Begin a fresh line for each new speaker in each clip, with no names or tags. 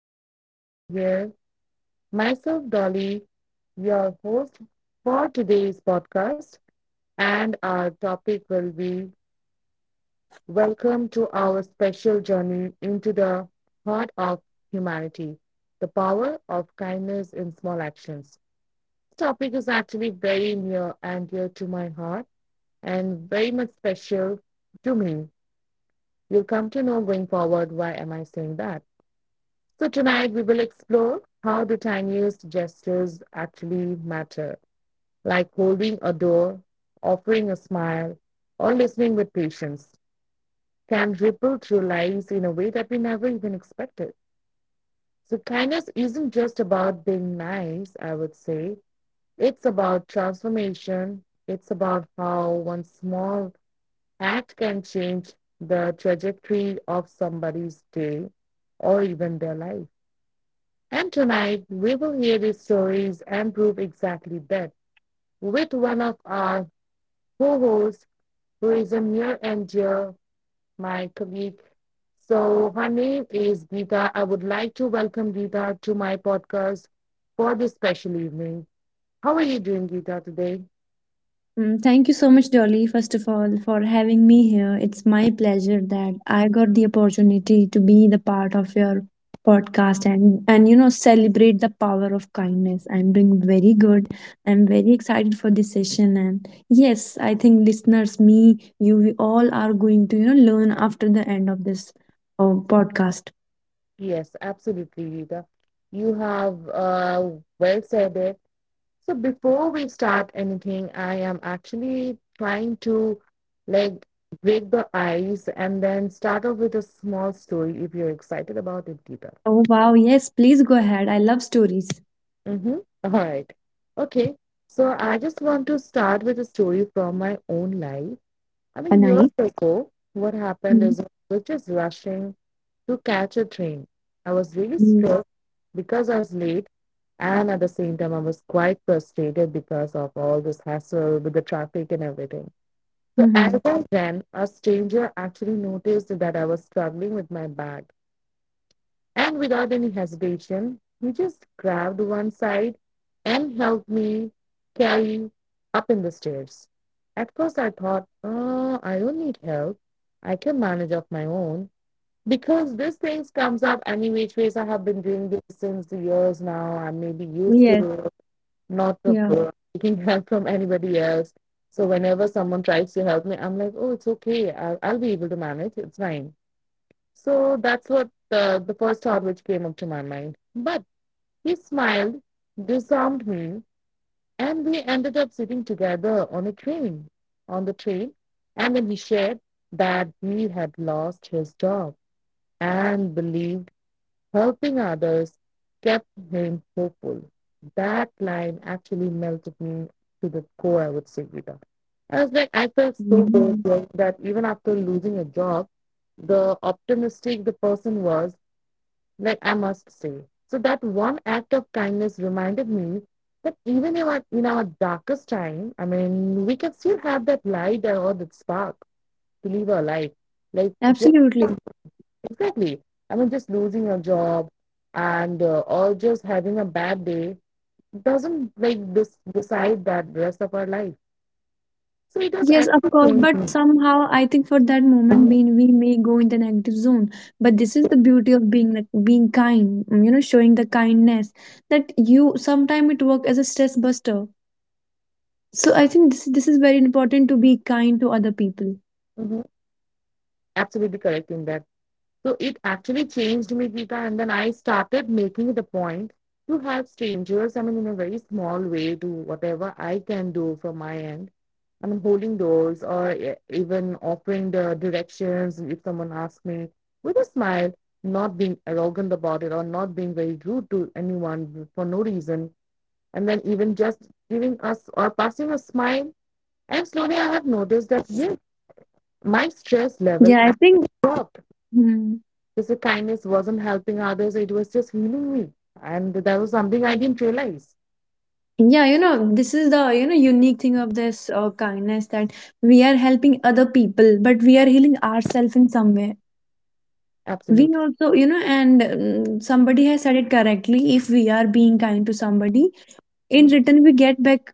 podcast today here. Myself Dolly, your host for today's podcast, and our topic will be welcome to our special journey into the heart of humanity, the power of kindness in small actions. This topic is actually very near and dear to my heart and very much special to me. You'll come to know going forward why am I saying that. So, tonight we will explore how the tiniest gestures actually matter, like holding a door, offering a smile, or listening with patience, can ripple through lives in a way that we never even expected. So, kindness isn't just about being nice, I would say. It's about transformation. It's about how one small act can change the trajectory of somebody's day or even their life. And tonight we will hear these stories and prove exactly that with one of our co hosts who is a near and dear, my colleague. So her name is Geeta. I would like to welcome Geeta to my podcast for this special evening. How are you doing, Geeta, today?
Thank you so much, Dolly, first of all, for having me here. It's my pleasure that I got the opportunity to be the part of your podcast and celebrate the power of kindness. I'm doing very good. I'm very excited for this session and yes, I think listeners, me, you, we all are going to learn after the end of this podcast.
Yes, absolutely, Geeta. You have well said it. So before we start anything, I am actually trying to like break the ice and then start off with a small story if you're excited about it, Geeta.
Oh wow, yes, please go ahead. I love stories.
Mm-hmm. All right. Okay. So I just want to start with a story from my own life. I mean,
Anai.
years ago, what happened
Mm-hmm.
is I was just rushing to catch a train. I was really stressed because I was late, and at the same time, I was quite frustrated because of all this hassle with the traffic and everything. So, as
Mm-hmm.
I ran, a stranger actually noticed that I was struggling with my bag. And without any hesitation, he just grabbed one side and helped me carry up in the stairs. At first, I thought, oh, I don't need help. I can manage of my own because these things comes up any which ways. I have been doing this since the years now. I may be used
Yes.
to not of
Yeah.
taking help from anybody else. So whenever someone tries to help me, I'm like, oh, it's okay. I'll be able to manage. It's fine, so that's what the first thought which came up to my mind. But he smiled, disarmed me, and we ended up sitting together on the train. And then he shared that he had lost his job and believed helping others kept him hopeful. That line actually melted me to the core, I would say, Rita. I was like, I felt
Yeah.
so good that even after losing a job, the optimistic the person was like, I must say. So that one act of kindness reminded me that even in our darkest time, I mean, we can still have that light or that spark to live our life. Like,
Absolutely.
exactly. I mean, just losing a job and or just having a bad day doesn't like this decide that rest of our life. So it does
Yes, of
actually
course.
change
But
me.
somehow, I think for that moment,
Mhm,
being we may go in the negative zone. But this is the beauty of being like being kind. You know, showing the kindness that you sometimes it work as a stress buster. So I think this is very important to be kind to other people.
mhm. Absolutely correct in that. So it actually changed me, Geeta. And then I started making it a point to help strangers, I mean, in a very small way, do whatever I can do from my end. I mean, holding doors or even offering the directions if someone asks me with a smile, not being arrogant about it or not being very rude to anyone for no reason. And then even just giving us or passing a smile. And slowly I have noticed that, yes, my stress level
Yeah, I
actually
think.
dropped,
hmm,
just the kindness wasn't helping others, it was just healing me. And that was something I didn't realize.
Yeah, you know, this is the unique thing of this kindness that we are helping other people, but we are healing ourselves in some way. We
Absolutely.
also and somebody has said it correctly, if we are being kind to somebody, in
Mm.
return we get back.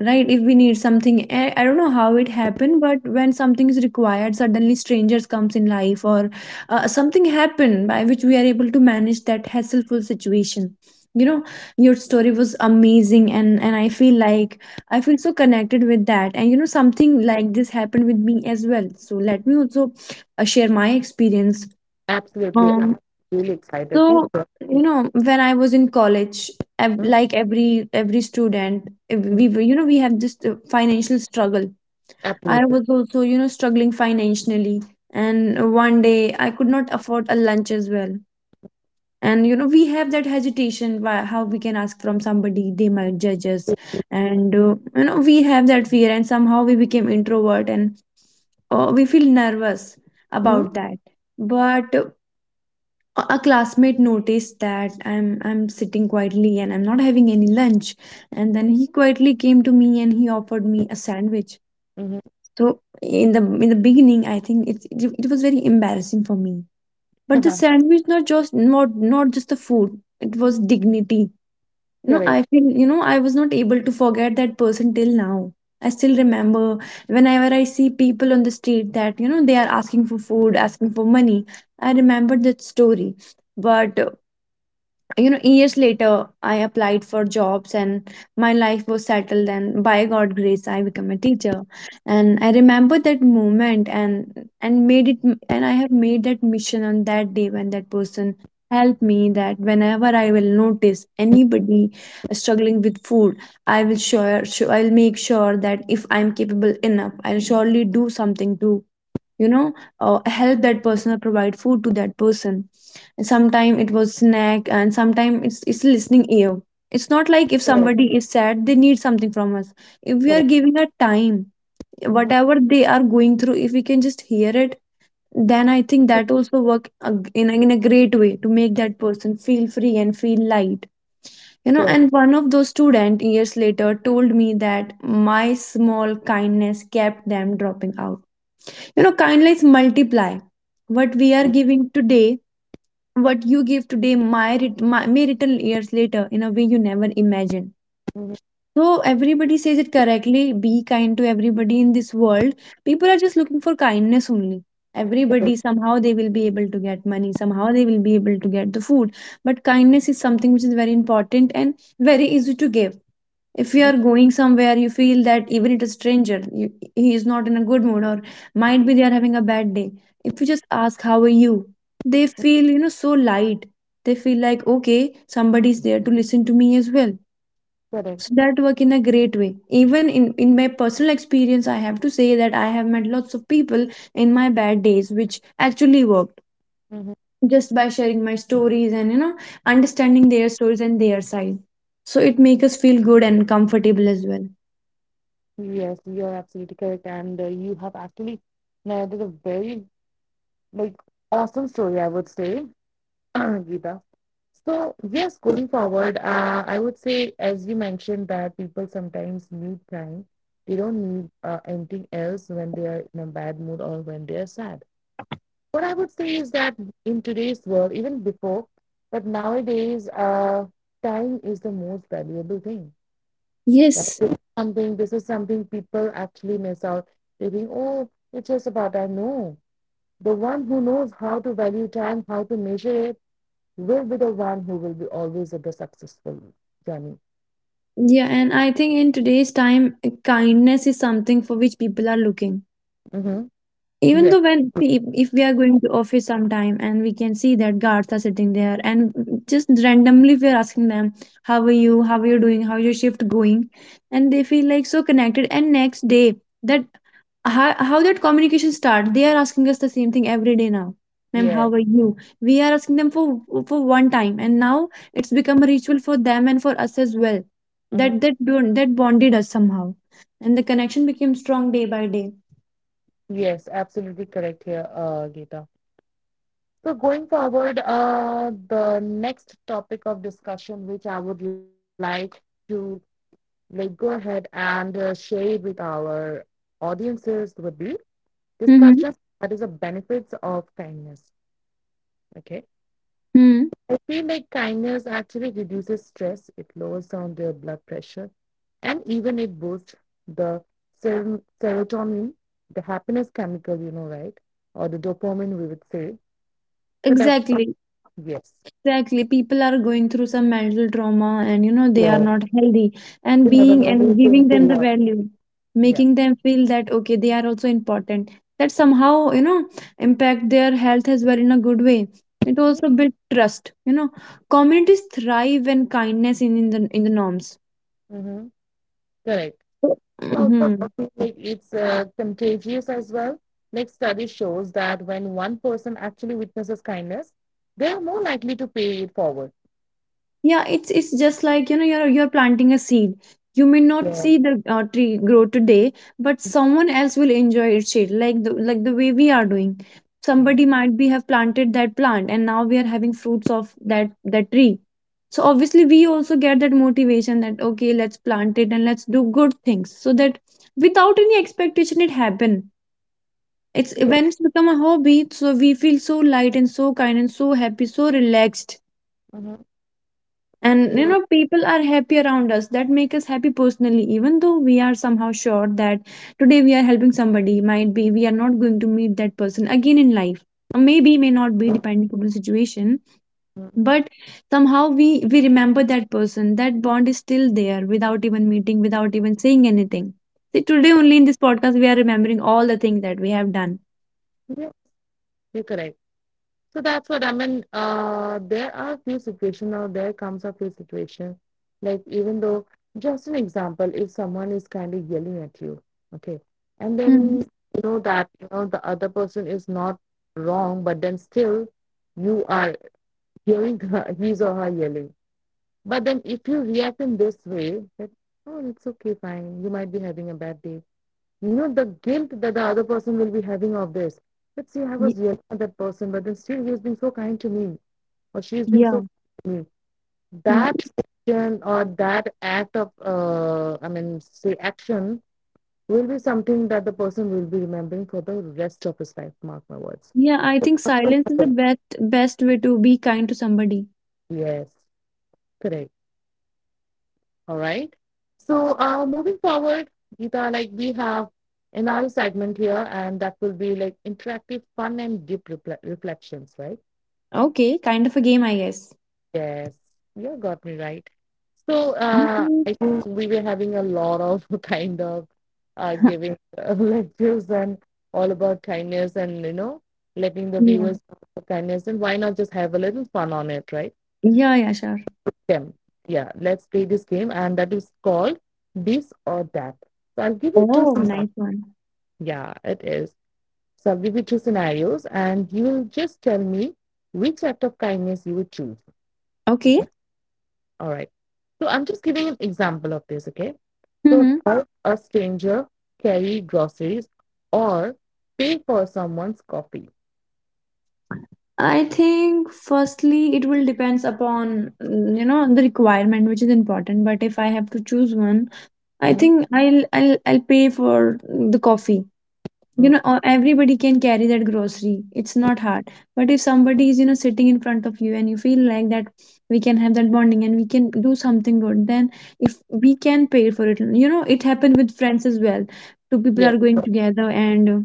Right, if we need something, I don't know how it happened, but when something is required, suddenly strangers comes in life, or something happen by which we are able to manage that hassleful situation, you know. Your story was amazing, and I feel like I feel so connected with that, and you know something like this happened with me as well, so let me also share my experience.
Absolutely.
um
I'm really excited. Please
so,
go
you
ahead.
know, when I was in college,
Mm,
every student,
mm,
you know we have this financial struggle. I
absolutely.
was also you know struggling financially, and one day I could not afford a lunch as well. And you know we have that hesitation, why, how we can ask from somebody, they might judge us, and you know we have that fear, and somehow we became introvert and we feel nervous
Mm-hmm.
about that. But a classmate noticed that I'm sitting quietly and I'm not having any lunch, and then he quietly came to me and he offered me a sandwich.
Mm-hmm.
So in the beginning, I think it was very embarrassing for me. But the
Uh-huh.
sandwich, not just the food, it was dignity. You know,
Correct.
I feel, you know, I was not able to forget that person till now. I still remember, whenever I see people on the street that you know they are asking for food, asking for money, I remember that story. But you know, years later, I applied for jobs and my life was settled, and by god grace I became a teacher. And I remember that moment, and made it, and I have made that mission on that day, when that person helped me, that whenever I will notice anybody struggling with food, I will sure I'll make sure that if I'm capable enough, I'll surely do something to, you know, help that person or provide food to that person. Sometime it was snack, and sometime it's listening ear. It's not like if
Correct.
somebody is sad they need something from us. If we are
Correct.
giving a time,
Mm-hmm.
whatever they are going through, if we can just hear it, then I think that also in a great way to make that person feel free and feel light. You know,
Yes.
and one of those student years later told me that my small kindness kept them dropping out. You know, kindness multiply. What we are giving today, what you give today might may return years later in a way you never imagined.
Mm-hmm.
So everybody says it correctly. Be kind to everybody in this world. People are just looking for kindness only. Everybody
Correct.
somehow they will be able to get money. Somehow they will be able to get the food. But kindness is something which is very important and very easy to give. If you
Mm-hmm.
are going somewhere, you feel that even it is stranger, you, he is not in a good mood, or might be they are having a bad day, if you just ask how are you, they feel you know so light. They feel like okay, somebody is there to listen to me as well.
Correct.
So that work in a great way. Even in my personal experience I have to say that I have met lots of people in my bad days which actually worked,
Mm-hmm.
just by sharing my stories, and you know understanding their stories and their side. So it makes us feel good and comfortable as well.
Yes, you're absolutely correct. And you have actually narrated a very like awesome story, I would say. Gita. So, yes, going forward, I would say, as you mentioned, that people sometimes need time. They don't need anything else when they are in a bad mood or when they are sad. What I would say is that in today's world, even before, but nowadays, time is the most valuable thing. Right?
Yes,
This is something people actually miss out. They think, oh, it's just about I know. The one who knows how to value time, how to measure it will be the one who will be always at the successful journey.
yeah, and I think in today's time, kindness is something for which people are looking.
Mm-hmm.
Even
Yes,
though, when if we are going to office sometime and we can see that guards are sitting there, and just randomly we are asking them how are you, how are you doing, how is your shift going, and they feel like so connected. And next day, that how that communication start, they are asking us the same thing every day now. Ma'am, how
yes,
are you? We are asking them for one time and now it's become a ritual for them and for us as well,
mhm.
that that bonded us somehow, and the connection became strong day by day.
Yes, absolutely correct here, Geeta. So going forward, the next topic of discussion, which I would like to like go ahead and share it with our audiences, would be discussion
Mm-hmm.
that is the benefits of kindness. Okay.
Mm-hmm.
I feel like kindness actually reduces stress, it lowers down their blood pressure, and even it boosts the serotonin, the happiness chemical, you know, right? Or the dopamine, we would say. So that's,
Exactly.
yes.
Exactly. People are going through some mental trauma and you know they are
Yeah.
not healthy,
You
and
never
being
know who's
and
going
giving
to
them the
what.
value,
Yeah.
making them feel that okay, they are also important. That somehow, you know, impact their health as well in a good way. It also builds trust. You know, communities thrive when kindness in the norms.
Mm-hmm. Correct. Also,
Mm-hmm.
I feel like it's contagious as well. Next study shows that when one person actually witnesses kindness, they are more likely to pay it forward.
Yeah, it's just like you know you're planting a seed. You may not
Yeah.
see the tree grow today, but someone else will enjoy its shade, like the way we are doing.
Yeah.
Somebody might be have planted that plant, and now we are having fruits of that tree. So obviously we also get that motivation that okay, let's plant it and let's do good things, so that without any expectation it happen. It's
Yeah.
when it's become a hobby, so we feel so light and so kind and so happy, so relaxed.
Mhm.
And you
Yeah,
know people are happy around us, that make us happy personally, even though we are somehow sure that today we are helping somebody, might be we are not going to meet that person again in life. Or maybe may not be, depending upon the situation.
yeah,
But somehow we remember that person, that bond is still there without even meeting, without even saying anything. See, today only in this podcast we are remembering all the things that we have done.
you're correct. So that's what I mean. There comes a few situations. Like, even though, just an example, if someone is kind of yelling at you, okay, and
Hmm.
then you know that you know the other person is not wrong, but then still you are hearing her, his or her yelling. But then if you react in this way, that oh, it's okay, fine, you might be having a bad day. You know, the guilt that the other person will be having of this. Let's say I
Ye-
was yelling at that person, but then still he has been so kind to me, or she has been so
yeah,
kind to me.
yeah,
That action or that act of, I mean, say action will be something that the person will be remembering for the rest of his life. Mark my words.
yeah, I think silence is the best way to be kind to somebody.
Yes, correct. All right. So, moving forward, Geeta, like we have another segment here, and that will be like interactive fun and deep reflections, right?
Okay, kind of a game, I guess.
Yes, you got me right. So
Mhm.
I think we were having a lot of kind of giving lectures and all about kindness, and you know, letting the
Yeah.
viewers know the kindness, and why not just have a little fun on it, right?
Yeah, yeah, sure.
Game. Yeah, let's play this game, and that is called this or that. So I'll give you two
Oh,
scenarios.
nice one.
Yeah, it is. So I'll give you two scenarios and you will just tell me which act of kindness you would choose.
Okay.
Okay. All right. So I'm just giving an example of this, okay? So
Mm-hmm.
help a stranger carry groceries or pay for someone's coffee.
I think firstly it will depends upon, you know, the requirement which is important. But if I have to choose one, I
Mm-hmm.
think I'll pay for the coffee. You know, everybody can carry that grocery, it's not hard. But if somebody is you know sitting in front of you and you feel like that we can have that bonding and we can do something good, then if we can pay for it, you know it happened with friends as well. Two people
Yes.
are going together and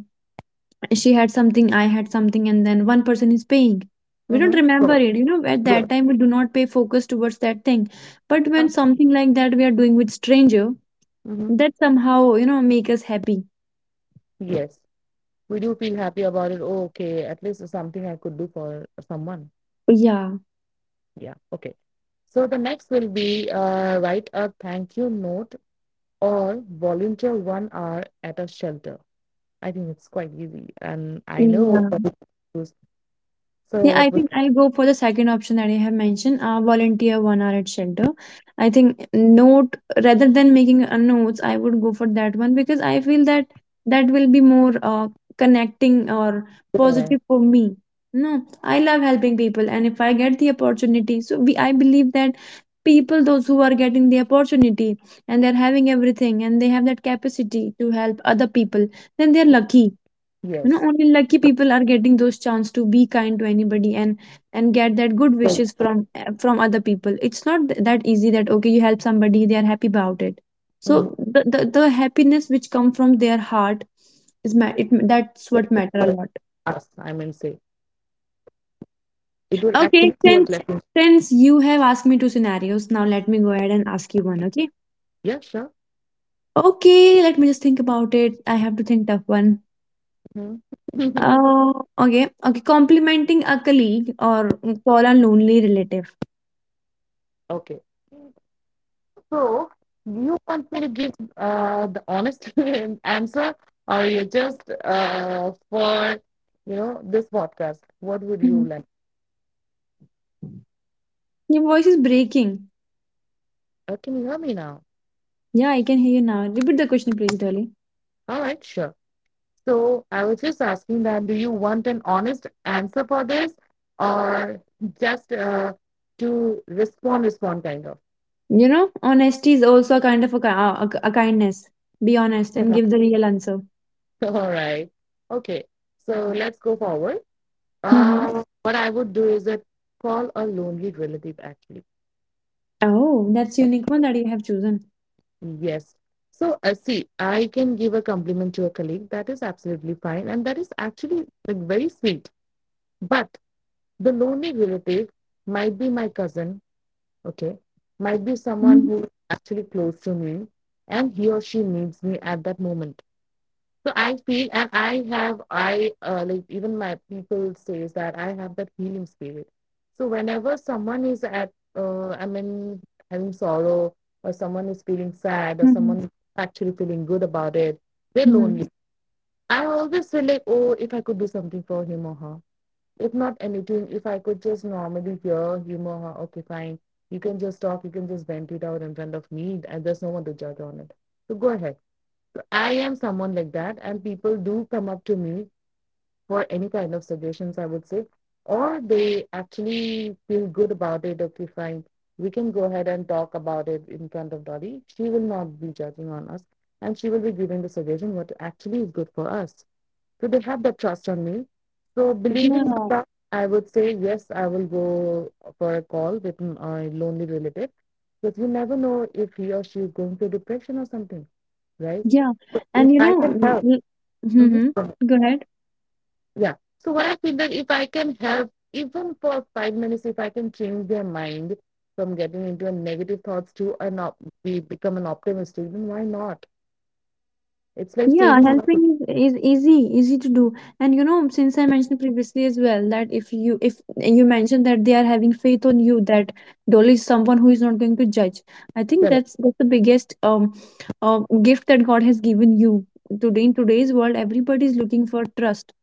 she had something, I had something, and then one person is paying. We don't
Mm-hmm.
remember it, you know, at
Yes.
that time we do not pay focus towards that thing. But
Uh
when something like that we are doing with stranger,
hmm.
that somehow you know make us happy.
Yes. We do feel happy about it. Oh, okay, at least there's something I could do for someone.
Yeah,
Yeah, okay. So the next will be write a thank you note or volunteer 1 hour at a shelter. I think it's quite easy, and I know
yeah.
what it is. So
Yeah, I
what we
think
can
I'll go for the second option that I have mentioned, volunteer 1 hour at shelter. I think note, rather than making a notes, I would go for that one because I feel that that will be more connecting or
do there,
positive for me. No, I love helping people, and if I get the opportunity, so we I believe that people those who are getting the opportunity and they're having everything and they have that capacity to help other people, then they're lucky. You know,
yes,
only lucky people are getting those chance to be kind to anybody and get that good
so,
wishes from from other people. It's not that easy that okay you help somebody, they are happy about it. So
mhm,
the happiness which come from their heart is ma- it, that's what matter a
for
lot.
us, I mean say it will
Okay,
actually create
since
lessons for us.
since you have asked me two scenarios, now let me go ahead and ask you one. Okay,
Yeah, sure.
okay, let me just think about it. I have to think tough one.
Mhm.
Oh, okay. Okay. Complimenting a colleague or call a lonely relative.
Okay. So you want me to give the honest answer, or you just for you know this podcast? What would you
Mm-hmm.
like?
Your voice is breaking.
Can you hear me now?
Yeah, I can hear you now. Repeat the question, please, darling.
All right, sure. So I was just asking that: do you want an honest answer for this, or just to respond kind of?
You know, honesty is also a kind of a kindness. Be honest and give the real answer.
All right. Okay. So let's go forward.
Mm-hmm.
What I would do is that call a lonely relative actually.
Oh, that's unique one that you have chosen.
Yes. So, see, I can give a compliment to a colleague. That is absolutely fine. And that is actually like very sweet. But the lonely relative might be my cousin, okay? Might be someone
Mm-hmm.
who is actually close to me, and he or she needs me at that moment. So I feel, and I have, I like even my people says that I have that healing spirit. So whenever someone is at, I mean, having sorrow, or someone is feeling sad, or someone is actually feeling good about it, they're
Hmm.
lonely. I always feel like, oh, if I could do something for him or her. If not anything, if I could just normally hear him or her, okay, fine. You can just talk, you can just vent it out in front of me, and there's no one to judge on it. So go ahead. I am someone like that, and people do come up to me for any kind of suggestions, I would say, or they actually feel good about it. Okay, fine, we can go ahead and talk about it in front of Dolly. She will not be judging on us, and she will be giving the suggestion what actually is good for us. So they have that trust on me. So believing on
Yeah,
that, I would say yes, I will go for a call with my lonely relative, because you never know if he or she is going through depression or something, right?
yeah. And you
I can
know,
help.
mm-hmm.
Mm-hmm.
Go ahead.
Yeah. So what I feel that if I can help, even for 5 minutes, if I can change their mind from getting into a negative thoughts to an become an optimistic, then why not? It's like
Yeah,
saving lives.
helping is easy, easy to do. And you know, since I mentioned previously as well that if you mentioned that they are having faith on you, that Dolly is someone who is not going to judge. I think
Correct.
that's the biggest gift that God has given you. Today in today's world, everybody is looking for trust.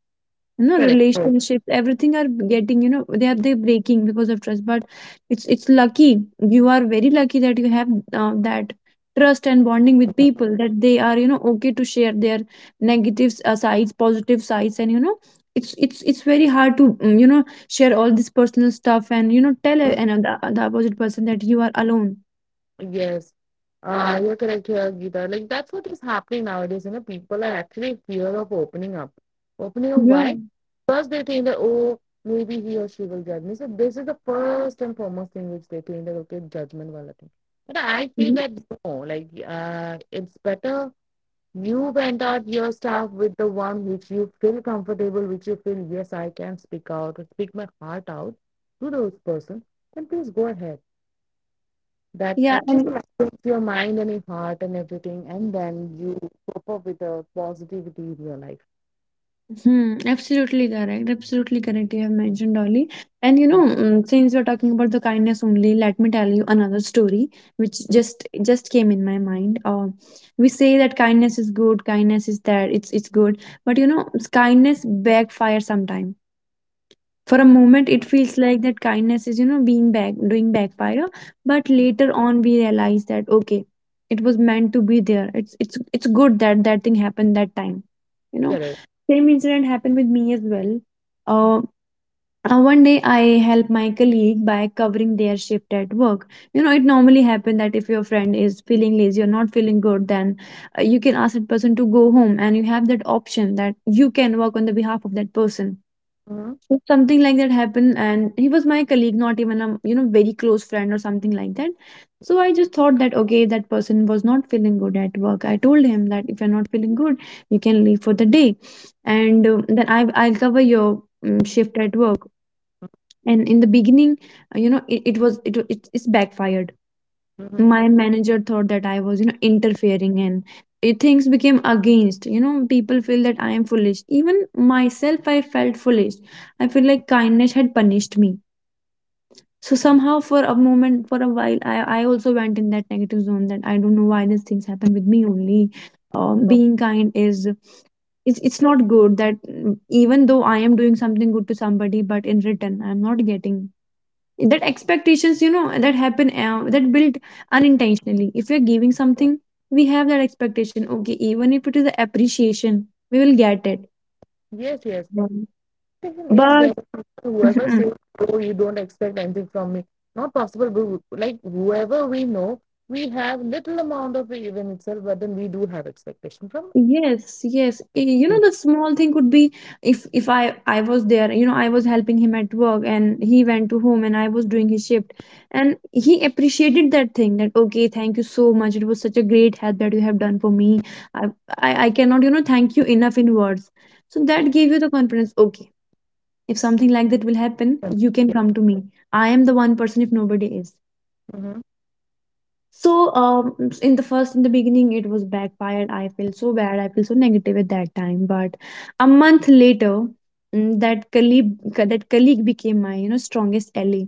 You know,
Correct.
relationships, everything are getting, you know, they breaking because of trust, but it's lucky. You are very lucky that you have that trust and bonding with people, that they are, you know, okay to share their negative sides, positive sides. And you know, it's it's very hard to you know, share all this personal stuff and you know tell another the opposite person that you are alone.
Yes, you're correct here, Geeta. Like that's what is happening nowadays. You know, people are actually fear of opening up. Opening up
Yeah,
why? First they think that oh maybe he or she will judge me. So this is the first and foremost thing which they think that okay, judgment wala thing. But I feel that no, it's better you went out your stuff with the one which you feel comfortable, which you feel yes I can speak out or speak my heart out to those person. Then please go ahead, that
yeah,
actually
and
lightens your mind and your heart and everything, and then you cope up with the positivity in your life.
hmm, absolutely correct. Absolutely correct. You have mentioned Dolly. And you know, since we're talking about the kindness only, let me tell you another story which
Mhm.
just came in my mind. We say that kindness is good, kindness is that it's good, but you know, kindness backfires sometime. For a moment it feels like that kindness is, you know, being back doing backfire, but later on we realize that okay, it was meant to be there. It's it's good that that thing happened that time, you know.
Correct.
Same incident happened with me as well. uh, one day I helped my colleague by covering their shift at work. You know it normally happens that if your friend is feeling lazy or not feeling good, then you can ask that person to go home, and you have that option that you can work on the behalf of that person.
Hmm.
Something like that happened, and he was my colleague, not even a, you know, very close friend or something like that. So I just thought that okay, that person was not feeling good at work. I told him that if you're not feeling good, you can leave for the day, and then I'll cover your shift at work. And in the beginning, you know it it's backfired.
Hmm.
My manager thought that I was, you know, interfering, and things became against. You know, people feel that I am foolish. Even myself I felt foolish. I feel like kindness had punished me. So somehow for a moment, for a while, I also went in that negative zone that I don't know why these things happen with me only. Um,
So,
being kind is it's not good that, even though I am doing something good to somebody, but in return I am not getting that expectations. You know that happen, that build unintentionally. If we're giving something, we have that expectation. Okay, even if it is the appreciation, we will get it.
yes, yes.
Yeah.
The thing is
But
that whoever says, "Oh, you don't expect anything from me," not possible. But like whoever we know, we have little amount of even itself, but then we do have expectation from
yes, yes. Eh, you know
him.
the small thing could be, if I was there, you know, I was helping him at work and he went to home and I was doing his shift, and he appreciated that thing that okay, thank you so much, it was such a great help that you have done for me. i I cannot, you know, thank you enough in words. So that gave you the confidence. Okay, if something like that will happen,
Mm-hmm.
you can come to me. I am the one person if nobody is.
Mm-hmm.
So in the first, in the beginning it was backfired. I feel so bad. I feel so negative at that time. But a month later, that colleague became my, you know, strongest ally.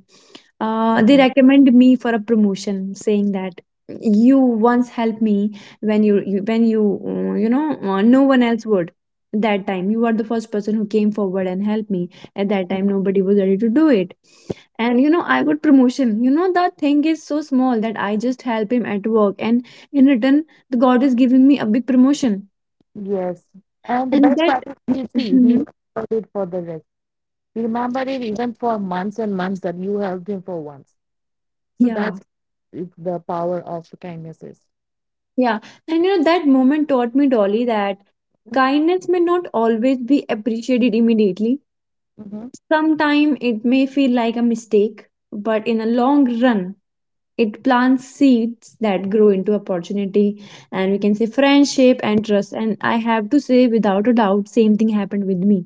They
Okay.
recommend me for a promotion, saying that you once helped me when you know, no one else would. That time you were the first person who came forward and helped me. At that time nobody was ready to do it, and you know, I got promotion. You know that thing is so small that I just help him at work, and in return the god is giving me a big promotion.
Yes, and the
And
best
that.
part is he see he
Mhm.
got it for the rest. He remembered it even for months and months that you helped him for once. So
Yeah,
that's the power of kindnesses.
yeah, and you know that moment taught me, Dolly, that kindness may not always be appreciated immediately.
Mhm. Mhm.
Sometime it may feel like a mistake, but in a long run, it plants seeds that grow into opportunity, and we can say friendship and trust. And I have to say, without a doubt, same thing happened with me.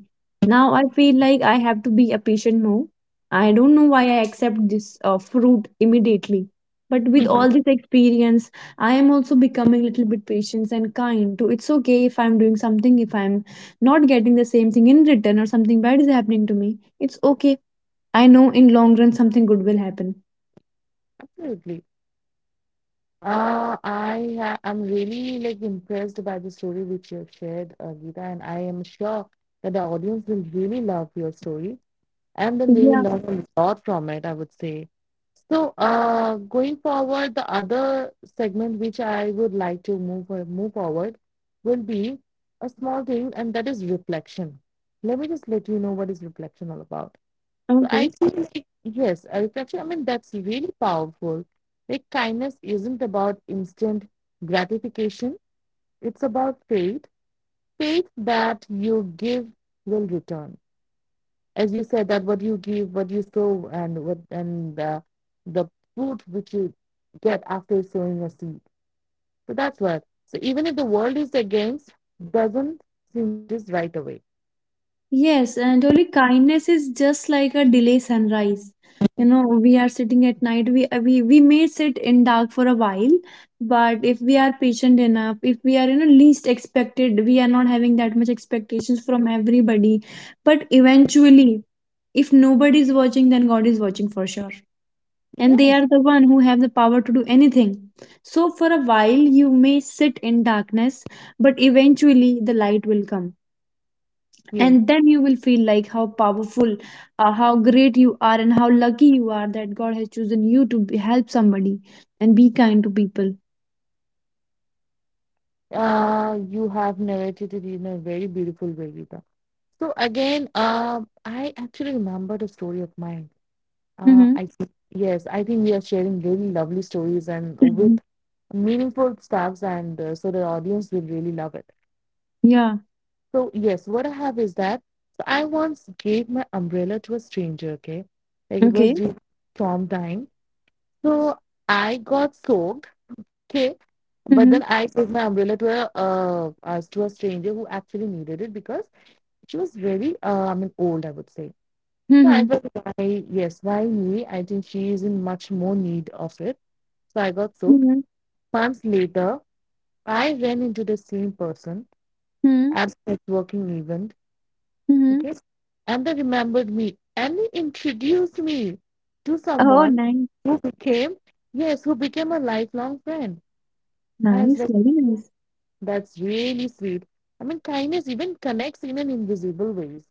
Now I feel like I have to be a patient more. I don't know why I accept this fruit immediately. But with all this experience, I am also becoming a little bit patient and kind to. It's okay if I'm doing something, if I'm not getting the same thing in return, or something bad is happening to me. It's okay. I know in long run something good will happen.
Absolutely. I'm really like impressed by the story which you have shared, Geeta, and I am sure that the audience will really love your story and then they will
Yeah.
learn a lot from it, I would say. So, going forward, the other segment which I would like to move forward will be a small thing, and that is reflection. Let me just let you know what is reflection all about. So, I
Okay.
feel like yes, a reflection. I mean, that's really powerful. Like kindness isn't about instant gratification; it's about faith, faith that you give will return, as you said, that what you give what you sow and what and the fruit which you get after sowing a seed, so that's what, so even if the world is against doesn't seem notice right away.
Yes, and only kindness is just like a delay sunrise. You know, we are sitting at night. We, we may sit in dark for a while, but if we are patient enough, if we are, you know, least expected, we are not having that much expectations from everybody. But eventually, if nobody is watching, then God is watching for sure, and they
Yes,
are the one who have the power to do anything. So for a while, you may sit in darkness, but eventually the light will come,
yes.
and then you will feel like how powerful, how great you are, and how lucky you are that god has chosen you to be, help somebody and be kind to people.
You have narrated it in a very beautiful way, Gita. So again, I actually remembered a story of mine.
Mm-hmm.
I think yes I think we are sharing really lovely stories and
Mm-hmm.
with meaningful stuffs, and so the audience will really love it.
Yeah.
So yes, what I have is that, so I once gave my umbrella to a stranger, okay? Like it was
Okay.
during storm time. So I got soaked, okay? But then
Mm-hmm.
I gave my umbrella to a stranger who actually needed it because she was very I mean old, I would say. So I
Mm-hmm.
felt why, yes, why me? I think she is in much more need of it. So I got soaked.
Mm-hmm.
Months later, I ran into the same person at a networking event.
Mm-hmm.
Okay. And they remembered me and they introduced me to
Oh,
someone
nice.
who became, yes, who became a lifelong friend. I was
Nice,
like,
very nice.
that's really sweet. I mean, kindness even connects in an invisible ways.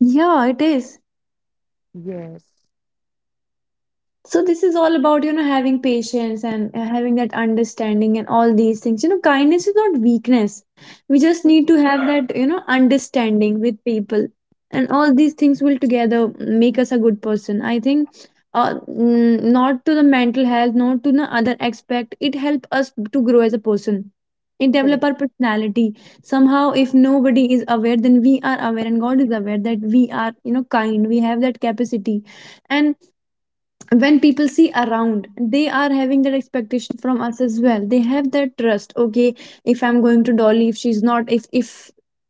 Yeah, it is.
Yes.
So this is all about, you know, having patience and, having that understanding and all these things. You know, kindness is not weakness. We just
Mm.
need to have that, you know, understanding with people, and all these things will together make us a good person. I think, not to the mental health, not to the other aspect. It helps us to grow as a person. It develop
Correct.
our personality somehow. If nobody is aware, then we are aware, and God is aware that we are, you know, kind. We have that capacity, and when people see around, they are having that expectation from us as well. They have that trust. Okay, if I'm going to Dolly, if she's not,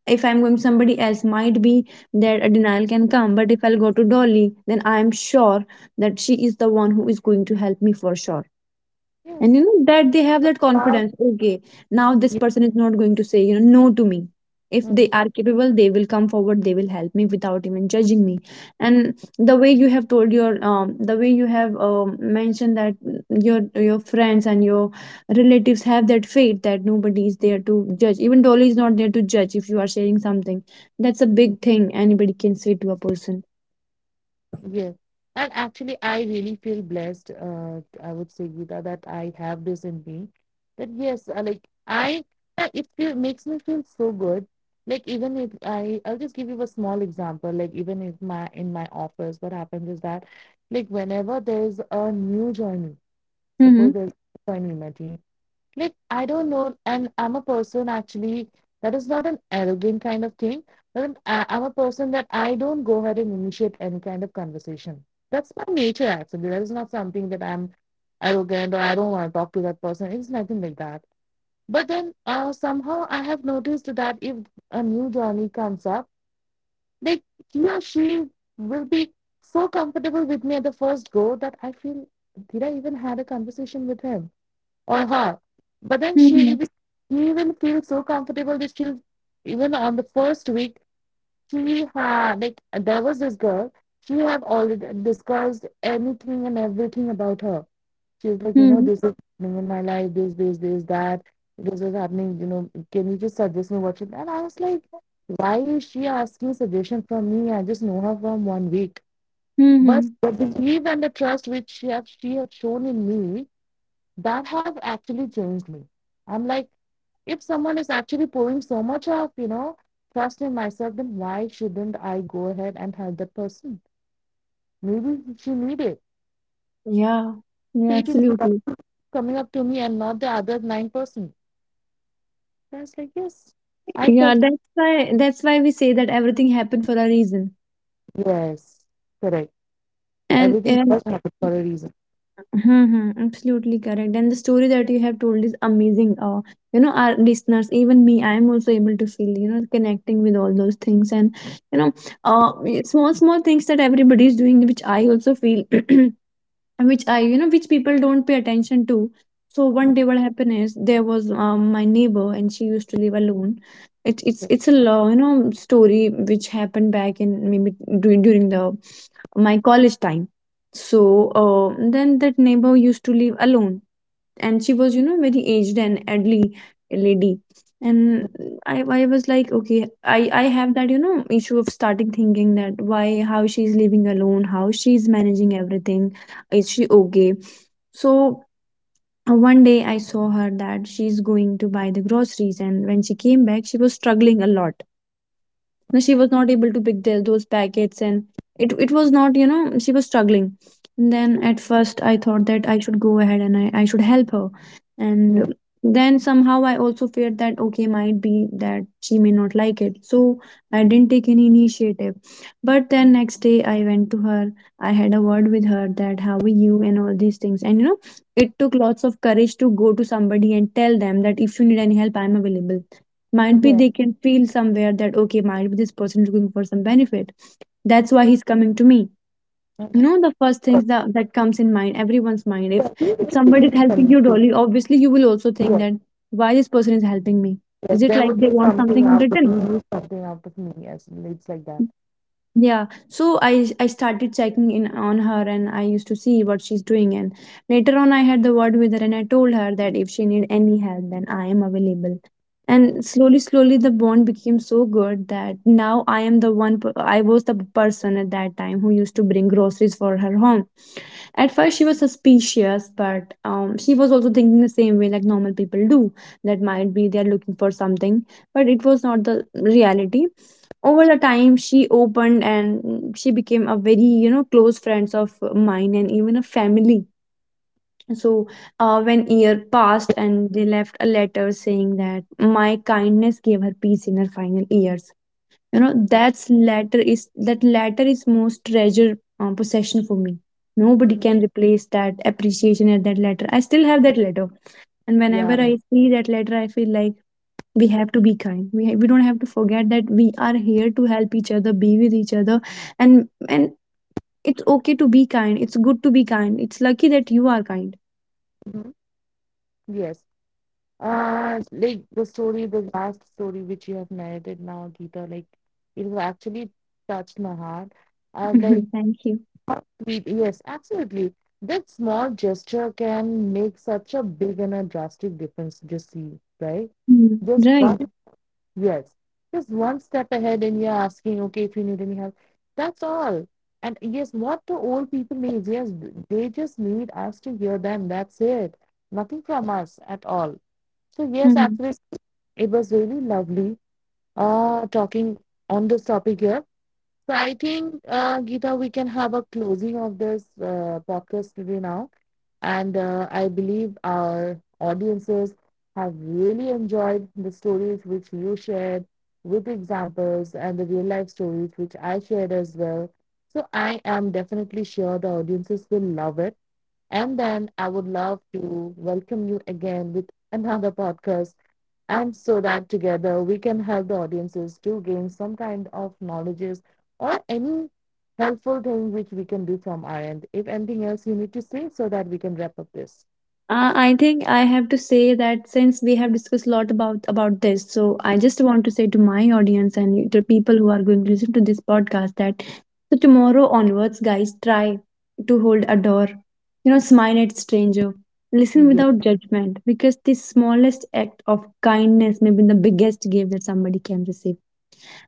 if I'm going to somebody else, might be that a denial can come. But if I'll go to Dolly, then I'm sure that she is the one who is going to help me for sure. And you
Yes.
know that they have that
Uh,
confidence. Okay, now this
yeah.
person is not going to say, you know, no to me. If they are capable, they will come forward, they will help me without even judging me. And the way you have told your, the way you have mentioned that your your friends and your relatives have that faith that nobody is there to judge, even Dolly is not there to judge if you are sharing something. That's a
Mm.
big thing anybody can say to a person.
Yes. And actually, I really feel blessed. I would say, Gita, that I have this in me. That yes, it feel, makes me feel so good. Like even if I, I'll just give you a small example. Like even if my in my office, what happens is that, like whenever there's a new joinee,
Mm-hmm.
suppose there's a new joinee in my team, like, I don't know. And I'm a person actually that is not an arrogant kind of thing, I'm a person that I don't go ahead and initiate any kind of conversation. That's my nature, actually. That is not something that I'm arrogant or I don't want to talk to that person. It's nothing like that. But then somehow I have noticed that if a new journey comes up, like, he or she will be so comfortable with me at the first go that I feel, did I even had a conversation with him? Or her. But then she
Mm-hmm.
will- she will feel so comfortable that she'll even on the first week she had, like there was this girl, she have already discussed anything and everything about her. She's like, you know,
Mm-hmm.
this is happening in my life, this that this is happening, you know, can you just suggest me what should, and I was like, why is she asking suggestion from me, I just know her from one week, but
Mm-hmm.
the belief and the trust which she have shown in me, that have actually changed me. I'm like, if someone is actually pouring so much of, you know, trust in myself, then why shouldn't I go ahead and help that person? Maybe she needed
Yeah, yeah,
faith in
absolutely.
coming up to me and not the other nine person. That's like, yes, I
Yeah,
felt
that's why, we say that everything happened for a reason.
yes, correct.
And,
Everything
and
does happen for a reason.
hmm, hmm, absolutely correct. And the story that you have told is amazing. You know, our listeners, even me, I am also able to feel, you know, connecting with all those things, and you know, uh, small small things that everybody is doing, which I also feel which I, you know, which people don't pay attention to. So one day, what happened is there was my neighbor, and she used to live alone. It, it's
Okay.
it's a you know story which happened back in maybe during the my college time. So then that neighbor used to live alone, and she was, you know, very aged and elderly lady. And I was like okay, I have that, you know, issue of starting thinking that why, how she's living alone, how she's managing everything, is she okay. So one day I saw her that she's going to buy the groceries, and when she came back, she was struggling a lot. No, she was not able to pick those packets. And it was not, she was struggling. And then at first I thought that I should go ahead and I should help her.
Yeah,
And then somehow I also feared that, okay, might be that she may not like it, so I didn't take any initiative. But then next day I went to her. I had a word with her that how are you and all these things, and it took lots of courage to go to somebody and tell them that if you need any help, I'm available. Might be
yeah.
they can feel somewhere that, okay, might be this person looking for some benefit, that's why he's coming to me.
Mhm.
The first things that, comes in mind, everyone's mind,
Yeah, you
if
need to
somebody is
remember
helping
me
you,
too.
Dolly, obviously you will also think
Yeah.
that why this person is helping me,
Like,
is it
there
like
would
they
be
want
something
something in
out of
return?
you, something out of me. Yes, it's like that.
Yeah, so I started checking in on her, and I used to see what she's doing. And later on I had the word with her, and I told her that if she need any help then I am available. And slowly slowly the bond became so good that now I am the I was the person at that time who used to bring groceries for her home. At first she was suspicious, but she was also thinking the same way like normal people do, that might be they're looking for something, but it was not the reality. Over the time she opened and she became a very, close friends of mine and even a family. So when year passed, and they left a letter saying that my kindness gave her peace in her final years. That letter is most treasured possession for me. Nobody
Mhm.
can replace that appreciation at that letter. I still have that letter, and whenever I
Yeah.
see that letter I feel like we have to be kind. We don't have to forget that we are here to help each other, be with each other. And it's okay to be kind, it's good to be kind, it's lucky that you are kind.
Mhm. Yes. Like the story, the last story which you have narrated now, Geeta, like, it will actually touched my heart. I was like,
Thank you.
sweet, yes, absolutely. That small gesture can make such a big and a drastic difference, just see, right?
Mm,
Just
right.
one. Yes. Just one step ahead and you're asking, okay, if you need any help. That's all. And yes, what the old people need, yes, they just need us to hear them. That's it. Nothing from us at all. So yes,
Mm.
actually, it was really lovely talking on this topic here. So I think, Gita, we can have a closing of this podcast today now. And I believe our audiences have really enjoyed the stories which you shared with examples and the real life stories which I shared as well. So I am definitely sure the audiences will love it. And then I would love to welcome you again with another podcast and so that together we can help the audiences to gain some kind of knowledges or any helpful thing which we can do from our end. If anything else you need to say so that we can wrap up this.
I think I have to say that since we have discussed a lot about this, so I just want to say to my audience and to people who are going to listen to this podcast that so tomorrow onwards, guys, try to hold a door, you know, smile at stranger, listen
Yes,
without judgment, because the smallest act of kindness may be the biggest gift that somebody can receive.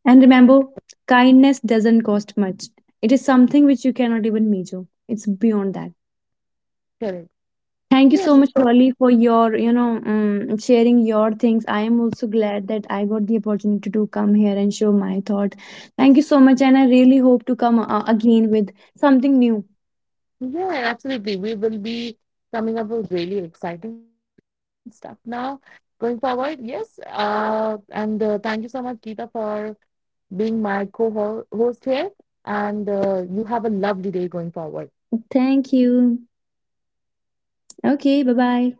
And remember, kindness doesn't cost much. It is something which you cannot even measure. It's beyond that.
correct.
Thank you so
Yes,
much, Dolly, for your, sharing your things. I am also glad that I got the opportunity to come here and show my thought. Thank you so much, and I really hope to come again with something new.
yeah, absolutely. We will be coming up with really exciting stuff now going forward. Yes, and thank you so much, Geeta, for being my co-host here. And you have a lovely day going forward.
Thank you. Okay, bye bye.